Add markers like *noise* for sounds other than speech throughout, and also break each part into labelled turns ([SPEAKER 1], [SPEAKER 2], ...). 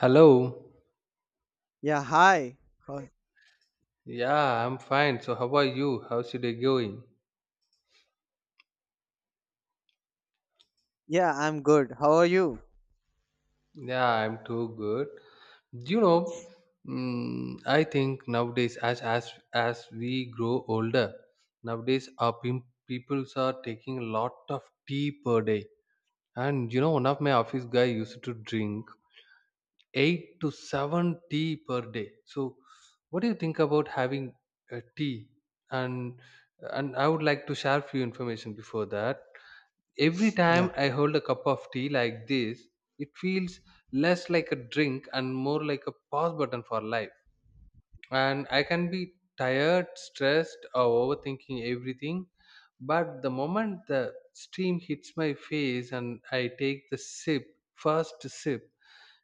[SPEAKER 1] Hello.
[SPEAKER 2] Yeah, hi. How-
[SPEAKER 1] Yeah, I'm fine. So, how are you? How's your day going?
[SPEAKER 2] Yeah, I'm good. How are you?
[SPEAKER 1] Yeah, I'm too good. You know, I think nowadays, as we grow older, nowadays our peoples are taking a lot of tea per day. And one of my office guy used to drink eight to seven tea per day. So, what do you think about having a tea? And and I would like to share few information before that. Every
[SPEAKER 2] Yeah.
[SPEAKER 1] time I hold a cup of tea like this, it feels less like a drink and more like a pause button for life. And I can be tired, stressed, or overthinking everything. But the moment the steam hits my face and I take the sip, first sip,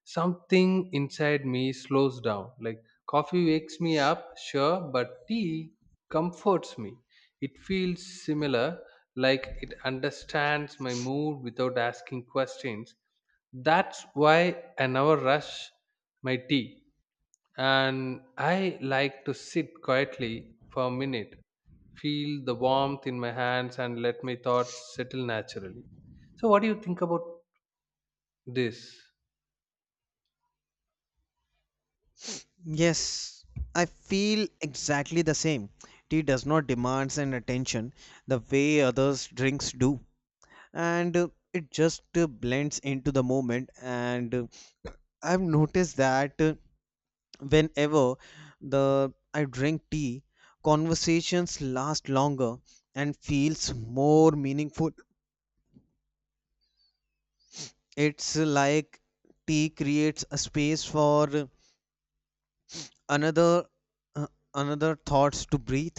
[SPEAKER 1] something inside me slows down. Like, coffee wakes me up, sure, but tea comforts me. It feels similar, like it understands my mood without asking questions. That's why I never rush my tea, and I like to sit quietly for a minute, feel the warmth in my hands, and let my thoughts settle naturally. So what do you think about this?
[SPEAKER 2] Yes, I feel exactly the same. Tea does not demand an attention the way others drinks do, and it just blends into the moment. And I've noticed that whenever the I drink tea, conversations last longer and feels more meaningful. It's like tea creates a space for another uh, another thoughts to breathe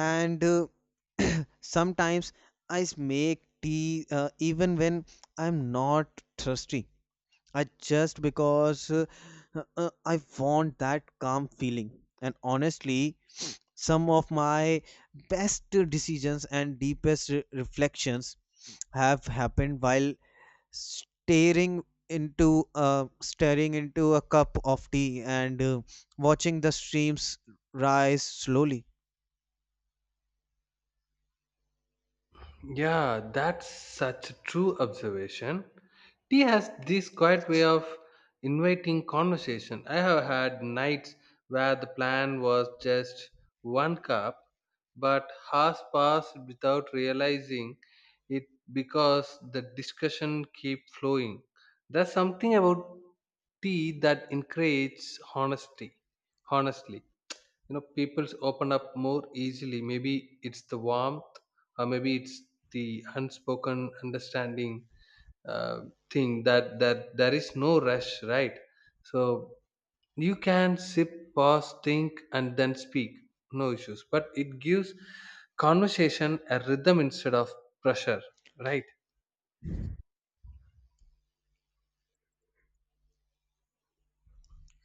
[SPEAKER 2] and *clears throat* sometimes I make tea even when I'm not thirsty. I just because I want that calm feeling. And honestly, some of my best decisions and deepest reflections have happened while staring staring into a cup of tea and watching the streams rise slowly.
[SPEAKER 1] Yeah, that's such a true observation. Tea has this quiet way of inviting conversation. I have had nights where the plan was just one cup, but hours passed without realizing it because the discussion keep flowing. There's something about tea that encourages honesty. Honestly, people's open up more easily. Maybe it's the warmth, or maybe it's the unspoken understanding uh, thing that there is no rush, right? So you can sip, pause, think, and then speak. No issues, but it gives conversation a rhythm instead of pressure, right?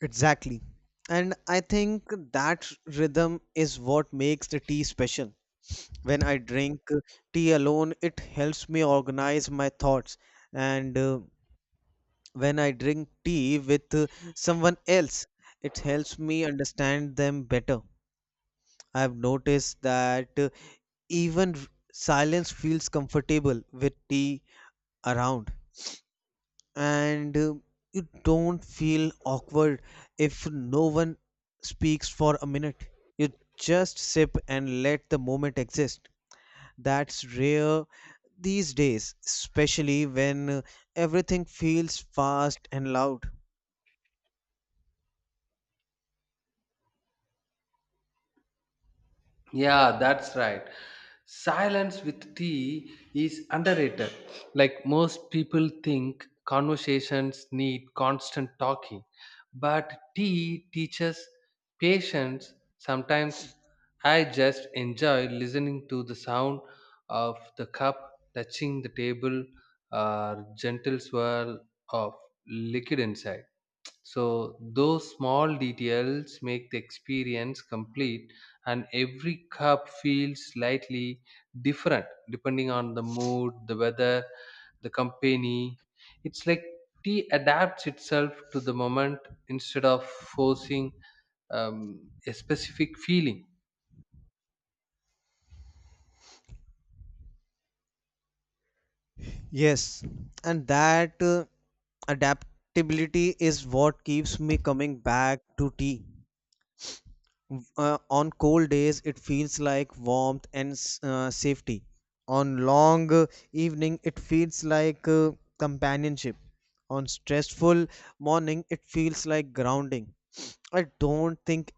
[SPEAKER 2] Exactly. And I think that rhythm is what makes the tea special. When I drink tea alone, it helps me organize my thoughts. And when I drink tea with someone else, it helps me understand them better. I've noticed that even silence feels comfortable with tea around. And you don't feel awkward if no one speaks for a minute. You just sip and let the moment exist. That's rare these days, especially when everything feels fast and loud.
[SPEAKER 1] Yeah, that's right. Silence with tea is underrated. Like most people think conversations need constant talking, but tea teaches patience. Sometimes I just enjoy listening to the sound of the cup touching the table or gentle swirl of liquid inside. So those small details make the experience complete, and every cup feels slightly different depending on the mood, the weather, the company. It's like tea adapts itself to the moment instead of forcing a specific feeling.
[SPEAKER 2] Yes, and that adaptability is what keeps me coming back to tea. On cold days, it feels like warmth and safety. On long evening, it feels like companionship. On stressful morning, it feels like grounding. I don't think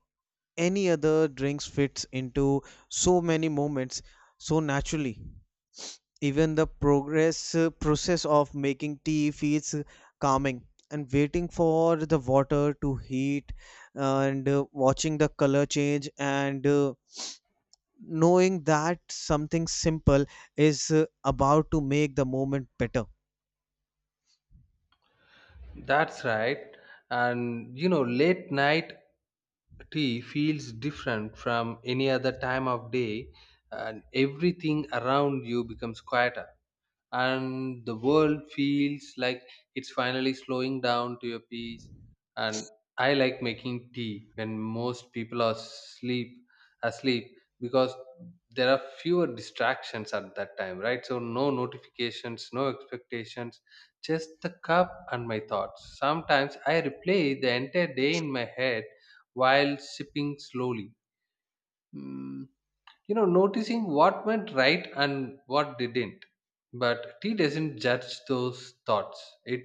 [SPEAKER 2] any other drinks fits into so many moments so naturally. Even the progress process of making tea feels calming. And waiting for the water to heat and watching the color change and knowing that something simple is about to make the moment better.
[SPEAKER 1] That's right. And late night tea feels different from any other time of day, and everything around you becomes quieter, and the world feels like it's finally slowing down to a peace. And I like making tea when most people are sleep asleep, because there are fewer distractions at that time, right? So no notifications, no expectations, just the cup and my thoughts. Sometimes I replay the entire day in my head while sipping slowly, Mm, noticing what went right and what didn't. But tea doesn't judge those thoughts. It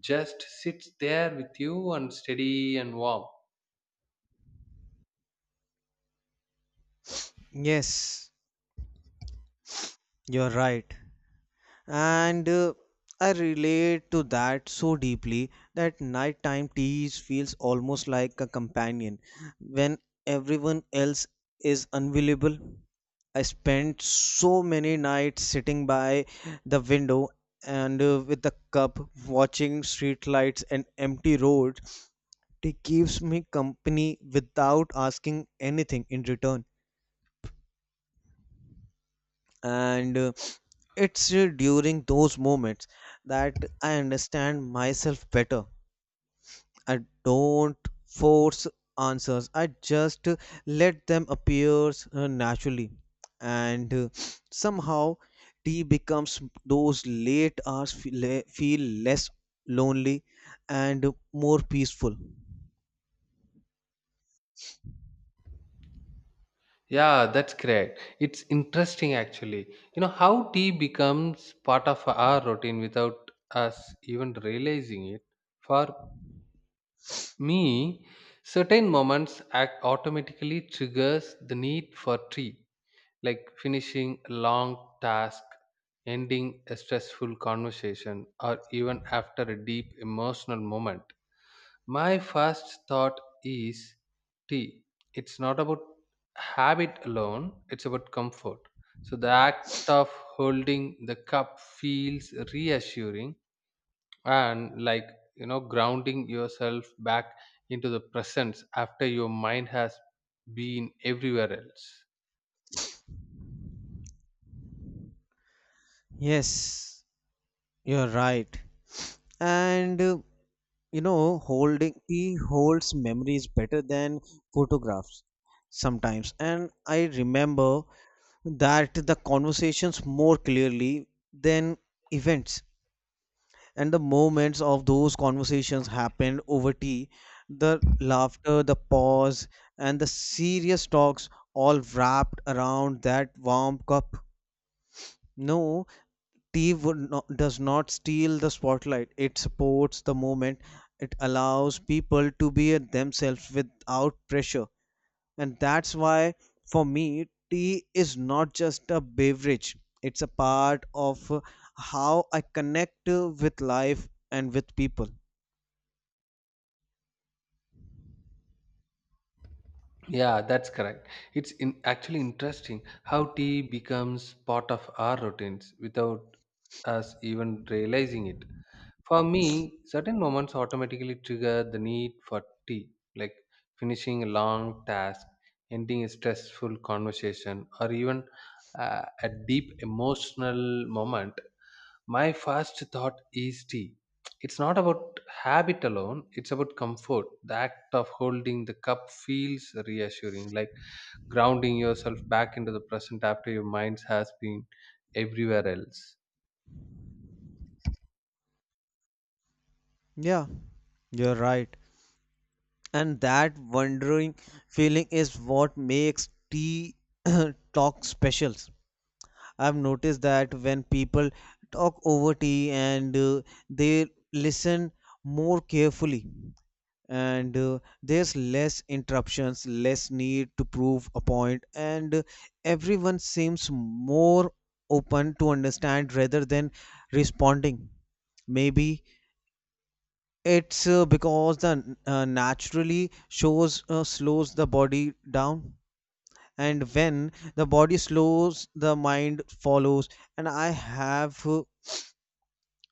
[SPEAKER 1] just sits there with you, and steady and warm.
[SPEAKER 2] Yes, you're right. And I relate to that so deeply that nighttime teas feels almost like a companion when everyone else is unavailable. I spent so many nights sitting by the window and with a cup watching streetlights and empty roads. Tea keeps me company without asking anything in return. And it's during those moments that I understand myself better. I don't force answers. I just let them appear naturally. And somehow tea becomes those late hours feel less lonely and more peaceful.
[SPEAKER 1] Yeah, that's correct. It's interesting, actually. You know how tea becomes part of our routine without us even realizing it. For me, certain moments act automatically triggers the need for tea, like finishing a long task, ending a stressful conversation, or even after a deep emotional moment. My first thought is tea. It's not about habit alone, it's about comfort. So the act of holding the cup feels reassuring, and like grounding yourself back into the presence after your mind has been everywhere else.
[SPEAKER 2] Yes, you're right. And you know, holding he holds memories better than photographs sometimes. And I remember that the conversations more clearly than events. And the moments of those conversations happened over tea, the laughter, the pause, and the serious talks all wrapped around that warm cup. No, Tea would not, does not steal the spotlight. It supports the moment. It allows people to be at themselves without pressure. And that's why, for me, tea is not just a beverage, it's a part of how I connect with life and with people.
[SPEAKER 1] Yeah, that's correct. It's actually interesting how tea becomes part of our routines without us even realizing it. For me, certain moments automatically trigger the need for tea, like finishing a long task, ending a stressful conversation, or even a deep emotional moment. My first thought is tea. It's not about habit alone, it's about comfort. The act of holding the cup feels reassuring, like grounding yourself back into the present after your mind has been everywhere else.
[SPEAKER 2] Yeah, you're right. And that wondering feeling is what makes tea *clears throat* talk special. I've noticed that when people talk over tea and they listen more carefully. And there's less interruptions, less need to prove a point. And everyone seems more open to understand rather than responding. Maybe it's because the naturally shows slows the body down. And when the body slows, the mind follows. And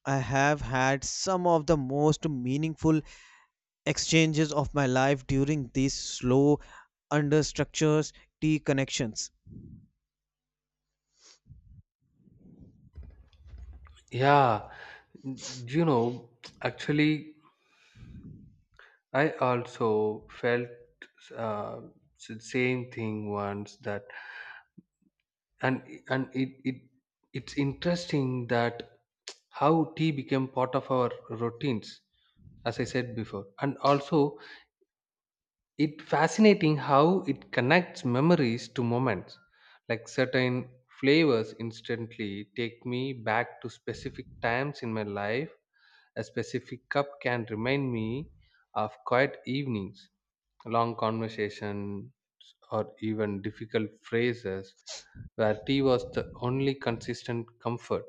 [SPEAKER 2] I have had some of the most meaningful exchanges of my life during these slow understructures t connections.
[SPEAKER 1] Yeah, you know, actually, I also felt uh, same thing once that, and and it's interesting that how tea became part of our routines, as I said before, and also it fascinating how it connects memories to moments. Like certain flavors instantly take me back to specific times in my life. A specific cup can remind me of quiet evenings, long conversations, or even difficult phrases where tea was the only consistent comfort.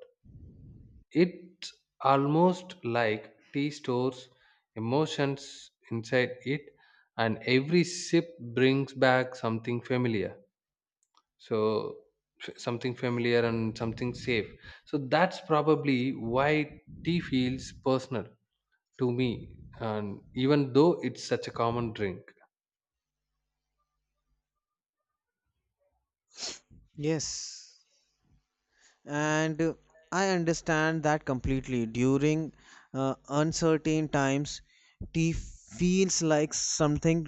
[SPEAKER 1] It almost like tea stores emotions inside it, and every sip brings back something familiar. So, something familiar and something safe. So, that's probably why tea feels personal to me, and even though it's such a common drink.
[SPEAKER 2] Yes, and I understand that completely. During uncertain times, tea feels like something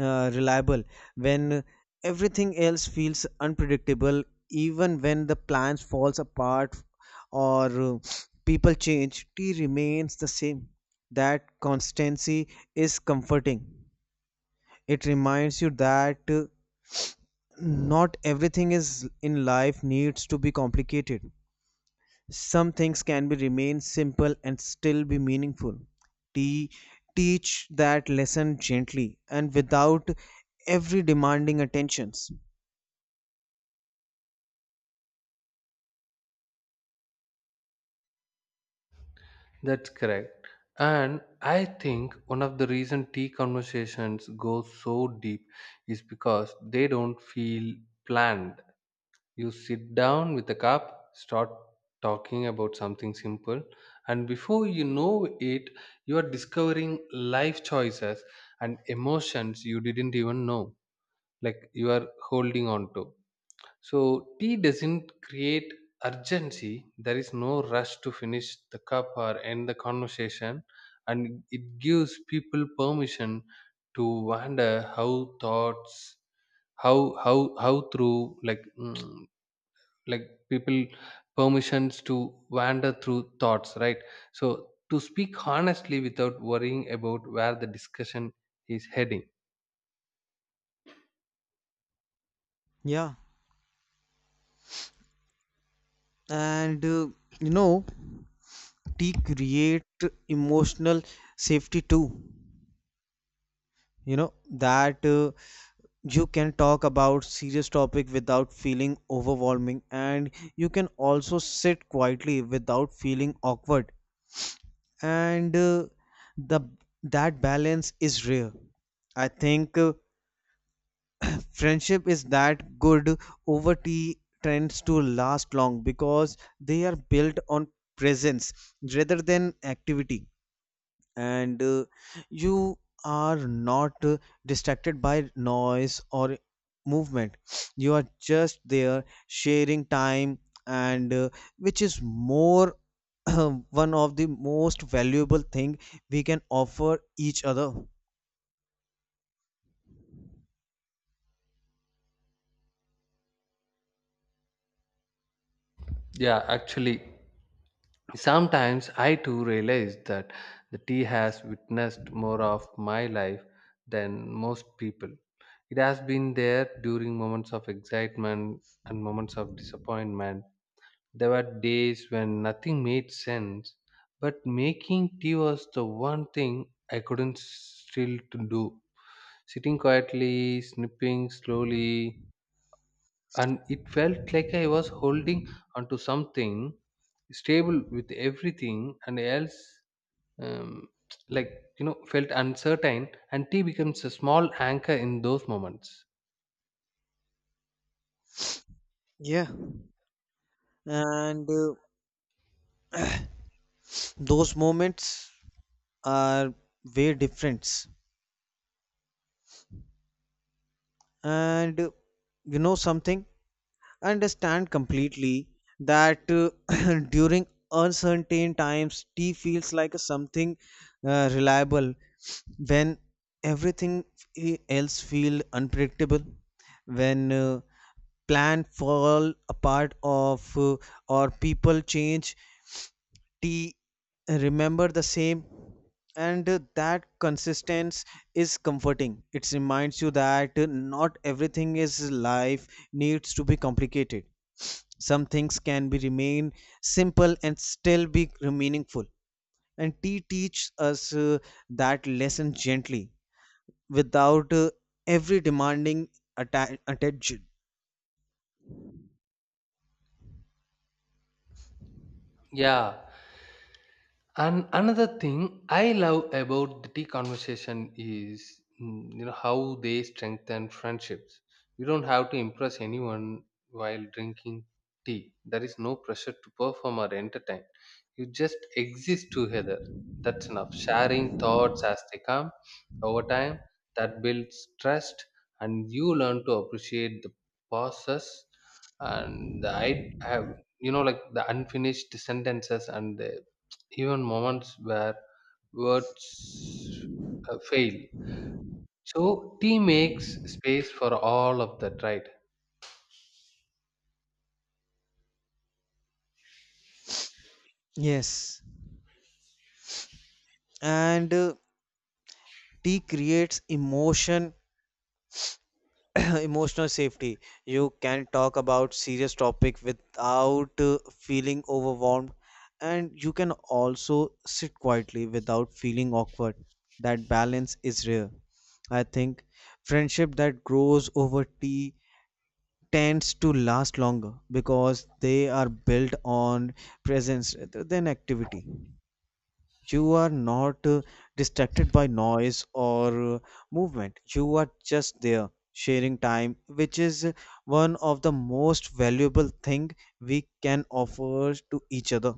[SPEAKER 2] reliable when everything else feels unpredictable, even when the plans falls apart or people change. Tea remains the same. That constancy is comforting. It reminds you that not everything is in life needs to be complicated. Some things can be remain simple and still be meaningful. Te- Teach that lesson gently and without every demanding attentions.
[SPEAKER 1] That's correct. And I think one of the reason tea conversations go so deep is because they don't feel planned. You sit down with a cup, start talking about something simple, and before you know it, you are discovering life choices and emotions you didn't even know, like you are holding on to. So, tea doesn't create urgency. There is no rush to finish the cup or end the conversation, and it gives people permission to wonder how thoughts, how through like, like people permissions to wander through thoughts, right? So to speak honestly without worrying about where the discussion is heading.
[SPEAKER 2] Yeah, and you know, tea create emotional safety too. You know that you can talk about serious topic without feeling overwhelming, and you can also sit quietly without feeling awkward. And the that balance is rare. I think friendship is that good over tea tends to last long because they are built on presence rather than activity. And you are not distracted by noise or movement. *sniffs* You are just there sharing time, and which is more *clears throat* one of the most valuable thing we can offer each other.
[SPEAKER 1] Yeah, actually, sometimes I too realize that the tea has witnessed more of my life than most people. It has been there during moments of excitement and moments of disappointment. There were days when nothing made sense, but making tea was the one thing I couldn't still to do. Sitting quietly, snipping slowly, and it felt like I was holding onto something stable with everything and else. um, like, felt uncertain, and tea becomes a small anchor in those moments.
[SPEAKER 2] Yeah, and those moments are way different. And you know, something I understand completely, that *coughs* *clears throat* during uncertain times tea feels like a something reliable when everything else feel unpredictable. When plan fall apart of or people change, t remember the same. And that consistency is comforting. It reminds you that not everything is life needs to be complicated. Some things can be remain simple and still be meaningful. And tea teaches us that lesson gently, without every demanding attention.
[SPEAKER 1] Yeah. And another thing I love about the tea conversation is, how they strengthen friendships. You don't have to impress anyone while drinking tea. There is no pressure to perform or entertain. You just exist together. That's enough. Sharing thoughts as they come over time, that builds trust, and you learn to appreciate the pauses, and the I have you know like the unfinished sentences, and the even moments where words fail. So tea makes space for all of that, right?
[SPEAKER 2] Yes, and tea creates emotion *coughs* *clears throat* emotional safety. You can talk about serious topic without feeling overwhelmed, and you can also sit quietly without feeling awkward. That balance is rare. I think friendship that grows over tea tends to last longer because they are built on presence rather than activity. You are not distracted by noise or movement. You are just there sharing time, which is one of the most valuable thing we can offer to each other.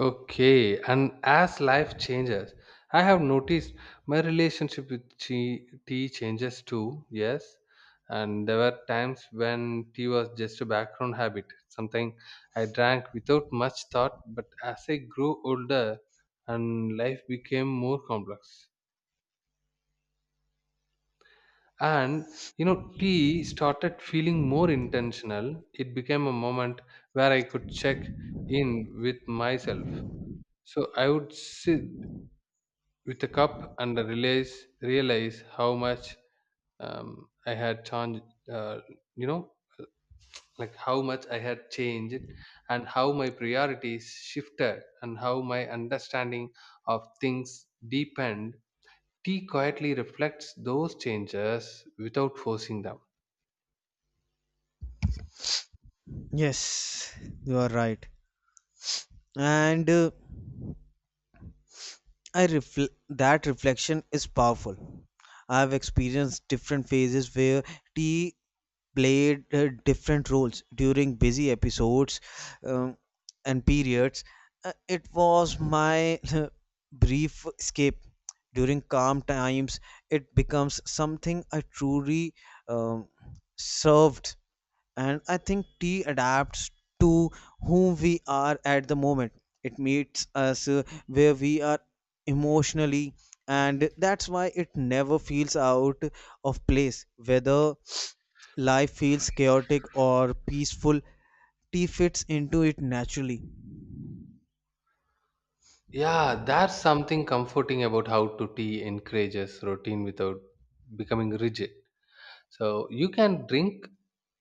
[SPEAKER 1] Okay, and as life changes, I have noticed my relationship with tea changes too, yes. And there were times when tea was just a background habit, something I drank without much thought, but as I grew older and life became more complex, and tea started feeling more intentional. It became a moment where I could check in with myself. So I would sit with a cup and realize how much, I had changed, uh, you know like how much I had changed, and how my priorities shifted, and how my understanding of things deepened. Tea quietly reflects those changes without forcing them.
[SPEAKER 2] Yes, you are right. And that reflection is powerful. I've experienced different phases where tea played different roles during busy episodes, um, and periods. It was my *laughs* brief escape. During calm times, it becomes something I truly um, served. And I think tea adapts to whom we are at the moment. It meets us where we are emotionally, and that's why it never feels out of place. Whether life feels chaotic or peaceful, tea fits into it naturally.
[SPEAKER 1] Yeah, that's something comforting about how to tea encourages routine without becoming rigid. So you can drink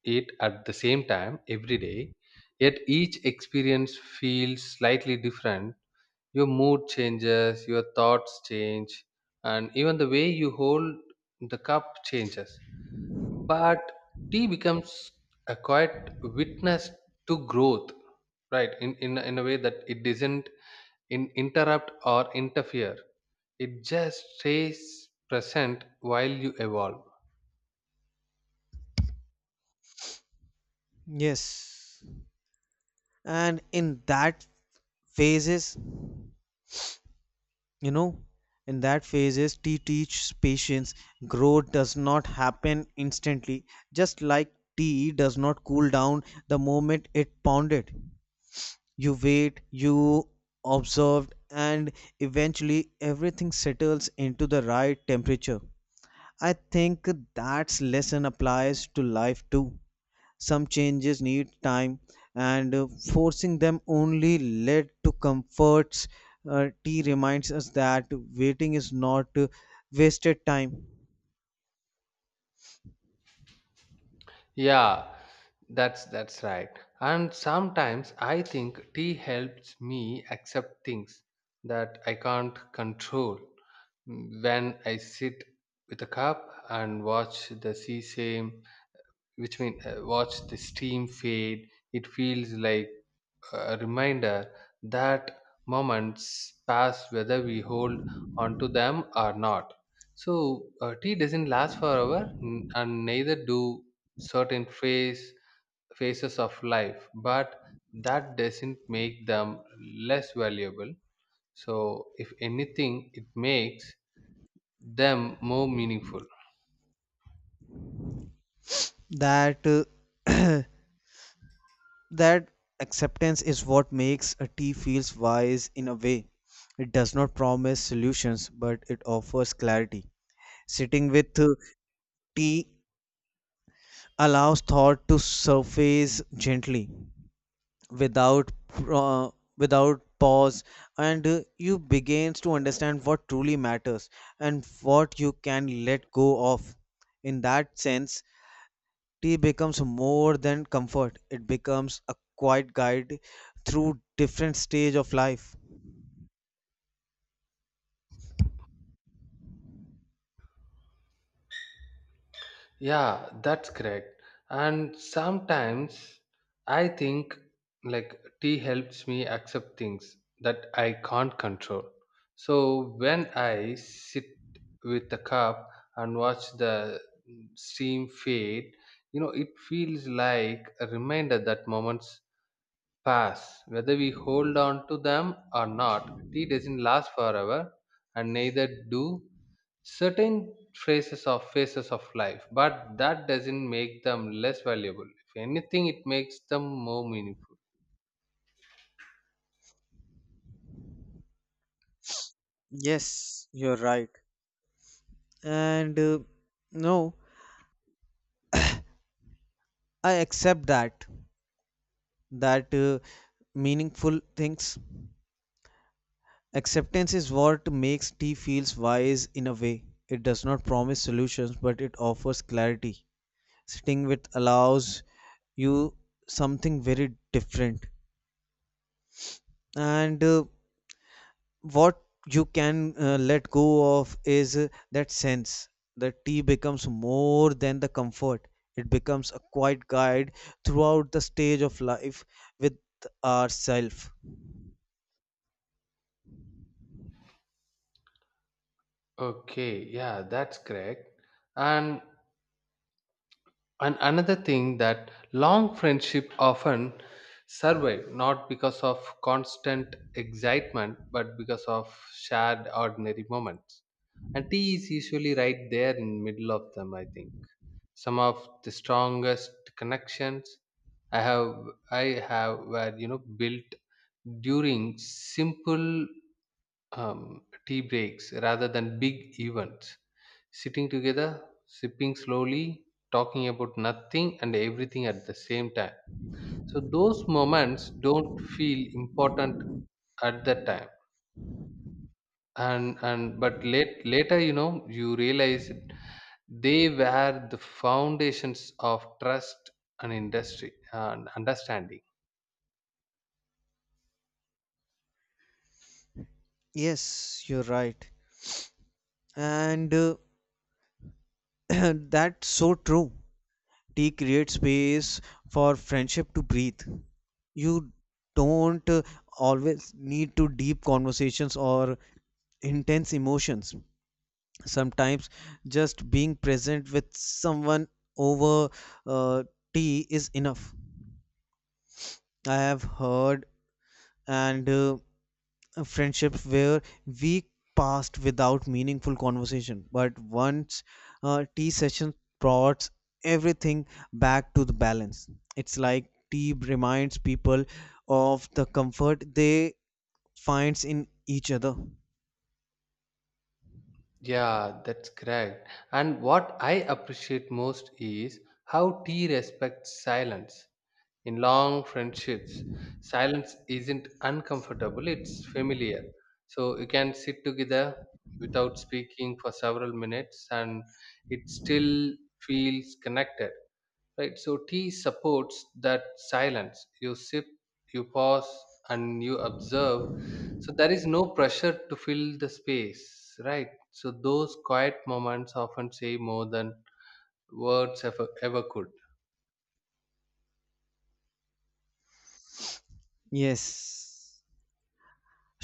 [SPEAKER 1] it at the same time every day, yet each experience feels slightly different. Your mood changes, your thoughts change, and even the way you hold the cup changes. But tea becomes a quiet witness to growth, right? In a way that it doesn't in interrupt or interfere. It just stays present while you evolve.
[SPEAKER 2] Yes, and phases you know in that phases, tea teaches patience. Growth does not happen instantly, just like tea does not cool down the moment it pounded. You wait, you observe, and eventually everything settles into the right temperature. I think that's lesson applies to life too. Some changes need time, and forcing them only led to comforts. Uh, t reminds us that waiting is not wasted time.
[SPEAKER 1] Yeah, that's right. And sometimes I think tea helps me accept things that I can't control. When I sit with a cup and watch the sea same, which mean watch the steam fade, it feels like a reminder that moments pass whether we hold on to them or not. So, tea doesn't last forever, and neither do certain phases of life, but that doesn't make them less valuable. So, if anything, it makes them more meaningful.
[SPEAKER 2] That *clears throat* that acceptance is what makes a tea feels wise in a way. It does not promise solutions, but it offers clarity. Sitting with tea allows thought to surface gently without pause. And you begins to understand what truly matters and what you can let go of. In that sense, tea becomes more than comfort. It becomes a quiet guide through different stage of life.
[SPEAKER 1] Yeah, that's correct. And sometimes I think like tea helps me accept things that I can't control. So when I sit with the cup and watch the steam fade, it feels like a reminder that moments pass. Whether we hold on to them or not, tea doesn't last forever, and neither do certain phases of life. But that doesn't make them less valuable. If anything, it makes them more meaningful.
[SPEAKER 2] Yes, you're right. And no, I accept that, that meaningful things. Acceptance is what makes tea feels wise in a way. It does not promise solutions, but it offers clarity. Sitting with allows you something very different. And what you can let go of is that sense that tea becomes more than the comfort. It becomes a quiet guide throughout the stage of life with ourself.
[SPEAKER 1] Okay, yeah, that's correct. And And another thing, that long friendship often survive, not because of constant excitement, but because of shared ordinary moments. And tea is usually right there in middle of them, I think. Some of the strongest connections I have I have were built during simple tea breaks rather than big events. Sitting together, sipping slowly, talking about nothing and everything at the same time. So those moments don't feel important at that time, and but later, you realize they were the foundations of trust and industry and understanding.
[SPEAKER 2] Yes, you're right. And *clears throat* that's so true. Tea creates space for friendship to breathe. You don't always need to deep conversations or intense emotions. Sometimes just being present with someone over uh, tea is enough. I have heard, and a friendship where week passed without meaningful conversation, but once tea session brought everything back to the balance. It's like tea reminds people of the comfort they finds in each other.
[SPEAKER 1] Yeah, that's correct. And what I appreciate most is how tea respects silence. In long friendships, silence isn't uncomfortable, it's familiar. So you can sit together without speaking for several minutes and it still feels connected, right? So tea supports that silence. You sip, you pause, and you observe. So there is no pressure to fill the space, right? So those quiet moments often say more than words ever, ever could.
[SPEAKER 2] Yes,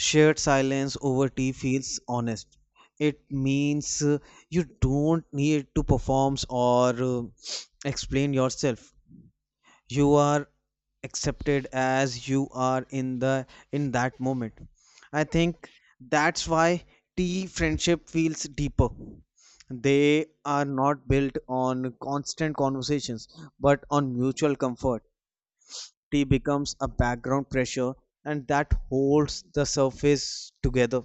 [SPEAKER 2] shared silence over tea feels honest. It means you don't need to perform or *sniffs* explain yourself. You are accepted as you are in the in that moment. I think that's why tea friendship feels deeper. They are not built on constant conversations, but on mutual comfort. Tea becomes a background pressure, and that holds the surface together.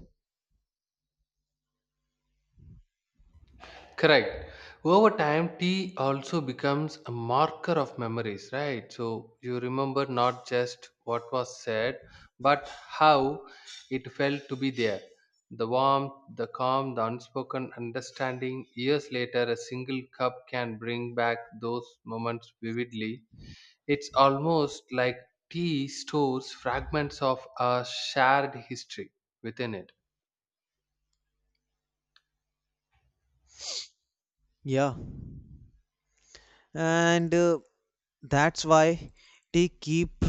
[SPEAKER 1] Correct. Over time, tea also becomes a marker of memories, right? So you remember not just what was said, but how it felt to be there. The warmth, the calm, the unspoken understanding. Years later, a single cup can bring back those moments vividly. It's almost like tea stores fragments of our shared history within it.
[SPEAKER 2] Yeah, and that's why they keep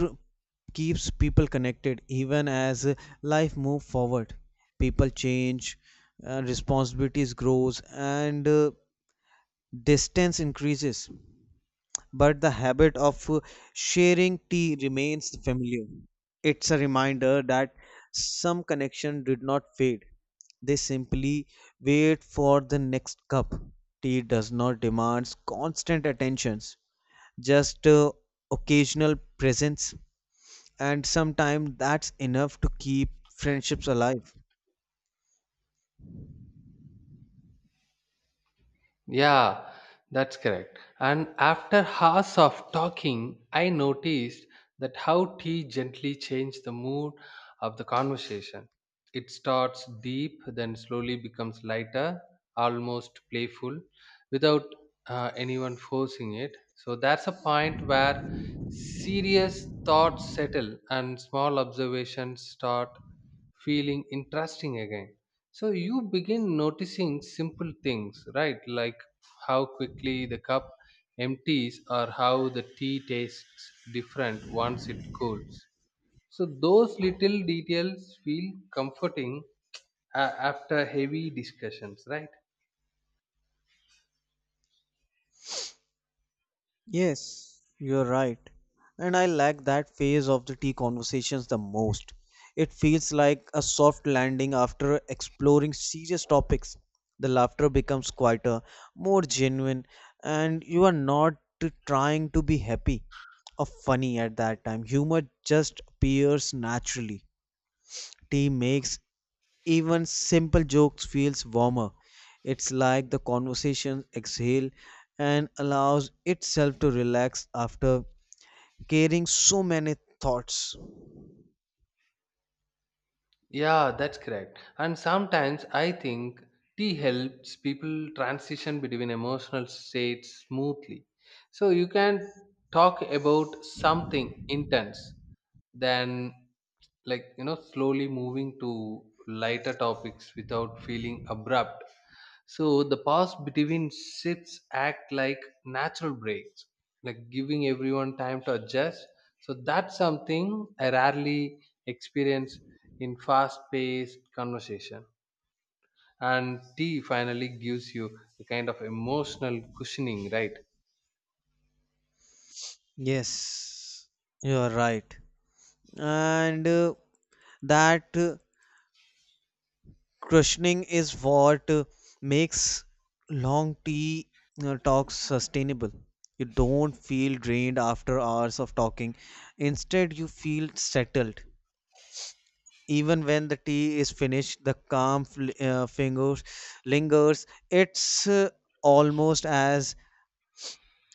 [SPEAKER 2] keeps people connected even as life move forward. People change, responsibilities grows, and distance increases. But the habit of sharing tea remains familiar. It's a reminder that some connection did not fade, they simply wait for the next cup. Tea does not demand constant attentions, just occasional presence, and sometimes that's enough to keep friendships alive.
[SPEAKER 1] Yeah, that's correct. And after hours of talking, I noticed that how tea gently changed the mood of the conversation. It starts deep, then slowly becomes lighter, almost playful, without anyone forcing it. So that's a point where serious thoughts settle and small observations start feeling interesting again. So you begin noticing simple things, right? Like how quickly the cup empties, or how the tea tastes different once it cools. So those little details feel comforting after heavy discussions, right?
[SPEAKER 2] Yes, you're right. And I like that phase of the tea conversations the most. It feels like a soft landing after exploring serious topics. The laughter becomes quieter, more genuine, and you are not trying to be happy or funny at that time. Humor just appears naturally. Tea makes even simple jokes feels warmer. It's like the conversation exhale and allows itself to relax after carrying so many thoughts.
[SPEAKER 1] Yeah, that's correct. And sometimes I think tea helps people transition between emotional states smoothly. So you can talk about something intense, then, like, slowly moving to lighter topics without feeling abrupt. So the pause between shifts act like natural breaks, like giving everyone time to adjust. So that's something I rarely experience in fast-paced conversation. And tea finally gives you a kind of emotional cushioning, right?
[SPEAKER 2] Yes, you are right. And that cushioning is what makes long tea talks sustainable. You don't feel drained after hours of talking. Instead, you feel settled. Even when the tea is finished, the calm fingers lingers. It's almost as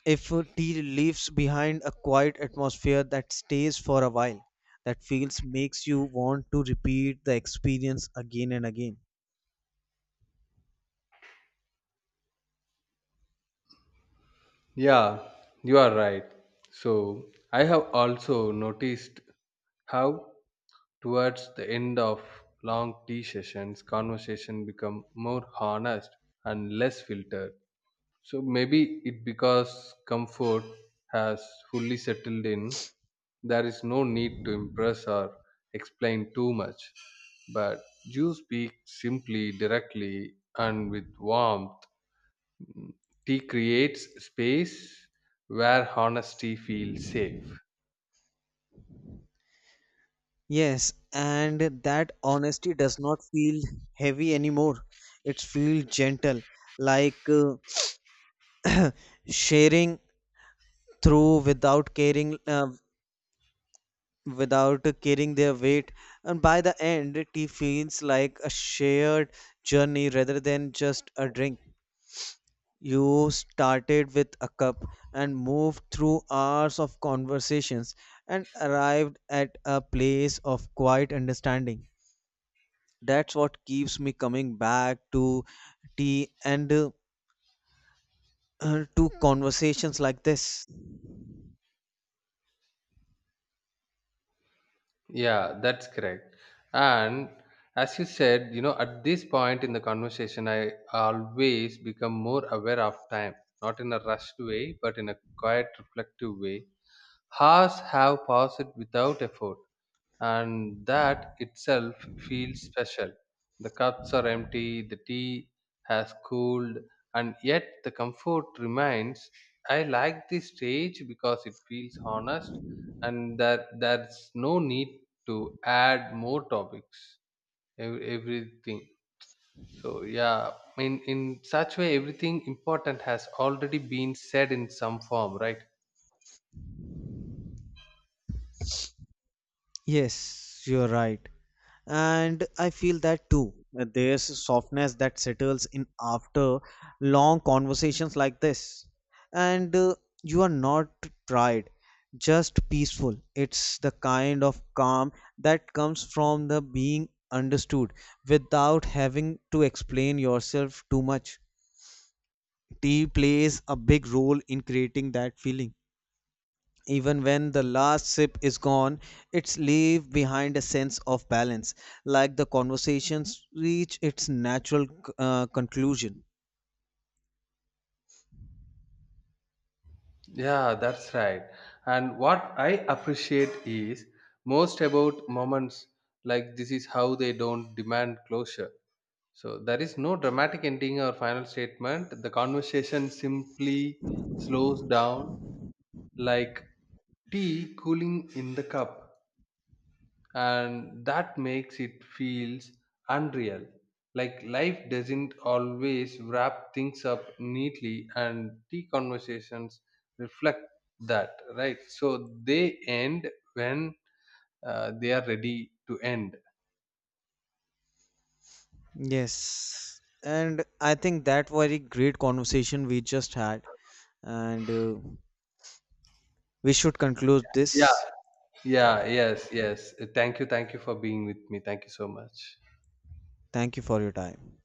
[SPEAKER 2] if tea leaves behind a quiet atmosphere that stays for a while, that feels makes you want to repeat the experience again and again.
[SPEAKER 1] Yeah, you are right. So I have also noticed how towards the end of long tea sessions, conversation become more honest and less filtered. So maybe it because comfort has fully settled in. There is no need to impress or explain too much. But you speak simply, directly, and with warmth. Tea creates space where honesty feels safe.
[SPEAKER 2] Yes, and that honesty does not feel heavy anymore. It feels gentle, like uh, *clears throat* sharing through without caring, without carrying their weight. And by the end, tea feels like a shared journey rather than just a drink. You started with a cup and moved through hours of conversations and arrived at a place of quiet understanding. That's what keeps me coming back to tea and *clears throat* to conversations like this.
[SPEAKER 1] Yeah, that's correct. And as you said, at this point in the conversation, I always become more aware of time, not in a rushed way, but in a quiet, reflective way. Hours have passed without effort, and that itself feels special. The cups are empty, the tea has cooled, and yet the comfort remains. I like this stage because it feels honest, and that there's no need to add more topics, everything. So, yeah, in such way, everything important has already been said in some form, right?
[SPEAKER 2] Yes, you're right. And I feel that too. There's a softness that settles in after long conversations like this. And you are not tried, just peaceful. It's the kind of calm that comes from the being understood without having to explain yourself too much. Tea plays a big role in creating that feeling. Even when the last sip is gone, it's leave behind a sense of balance, like the conversations reach its natural conclusion.
[SPEAKER 1] Yeah, that's right. And what I appreciate is most about moments like this is how they don't demand closure. So there is no dramatic ending or final statement. The conversation simply slows down, like tea cooling in the cup, and that makes it feels unreal. Like life doesn't always wrap things up neatly, and tea conversations reflect that, right? So they end when they are ready to end.
[SPEAKER 2] Yes, and I think that very great conversation we just had, and we should conclude
[SPEAKER 1] Yeah,
[SPEAKER 2] this.
[SPEAKER 1] yeah, yes, yes, thank you, thank you for being with me. Thank you so much.
[SPEAKER 2] Thank you for your time.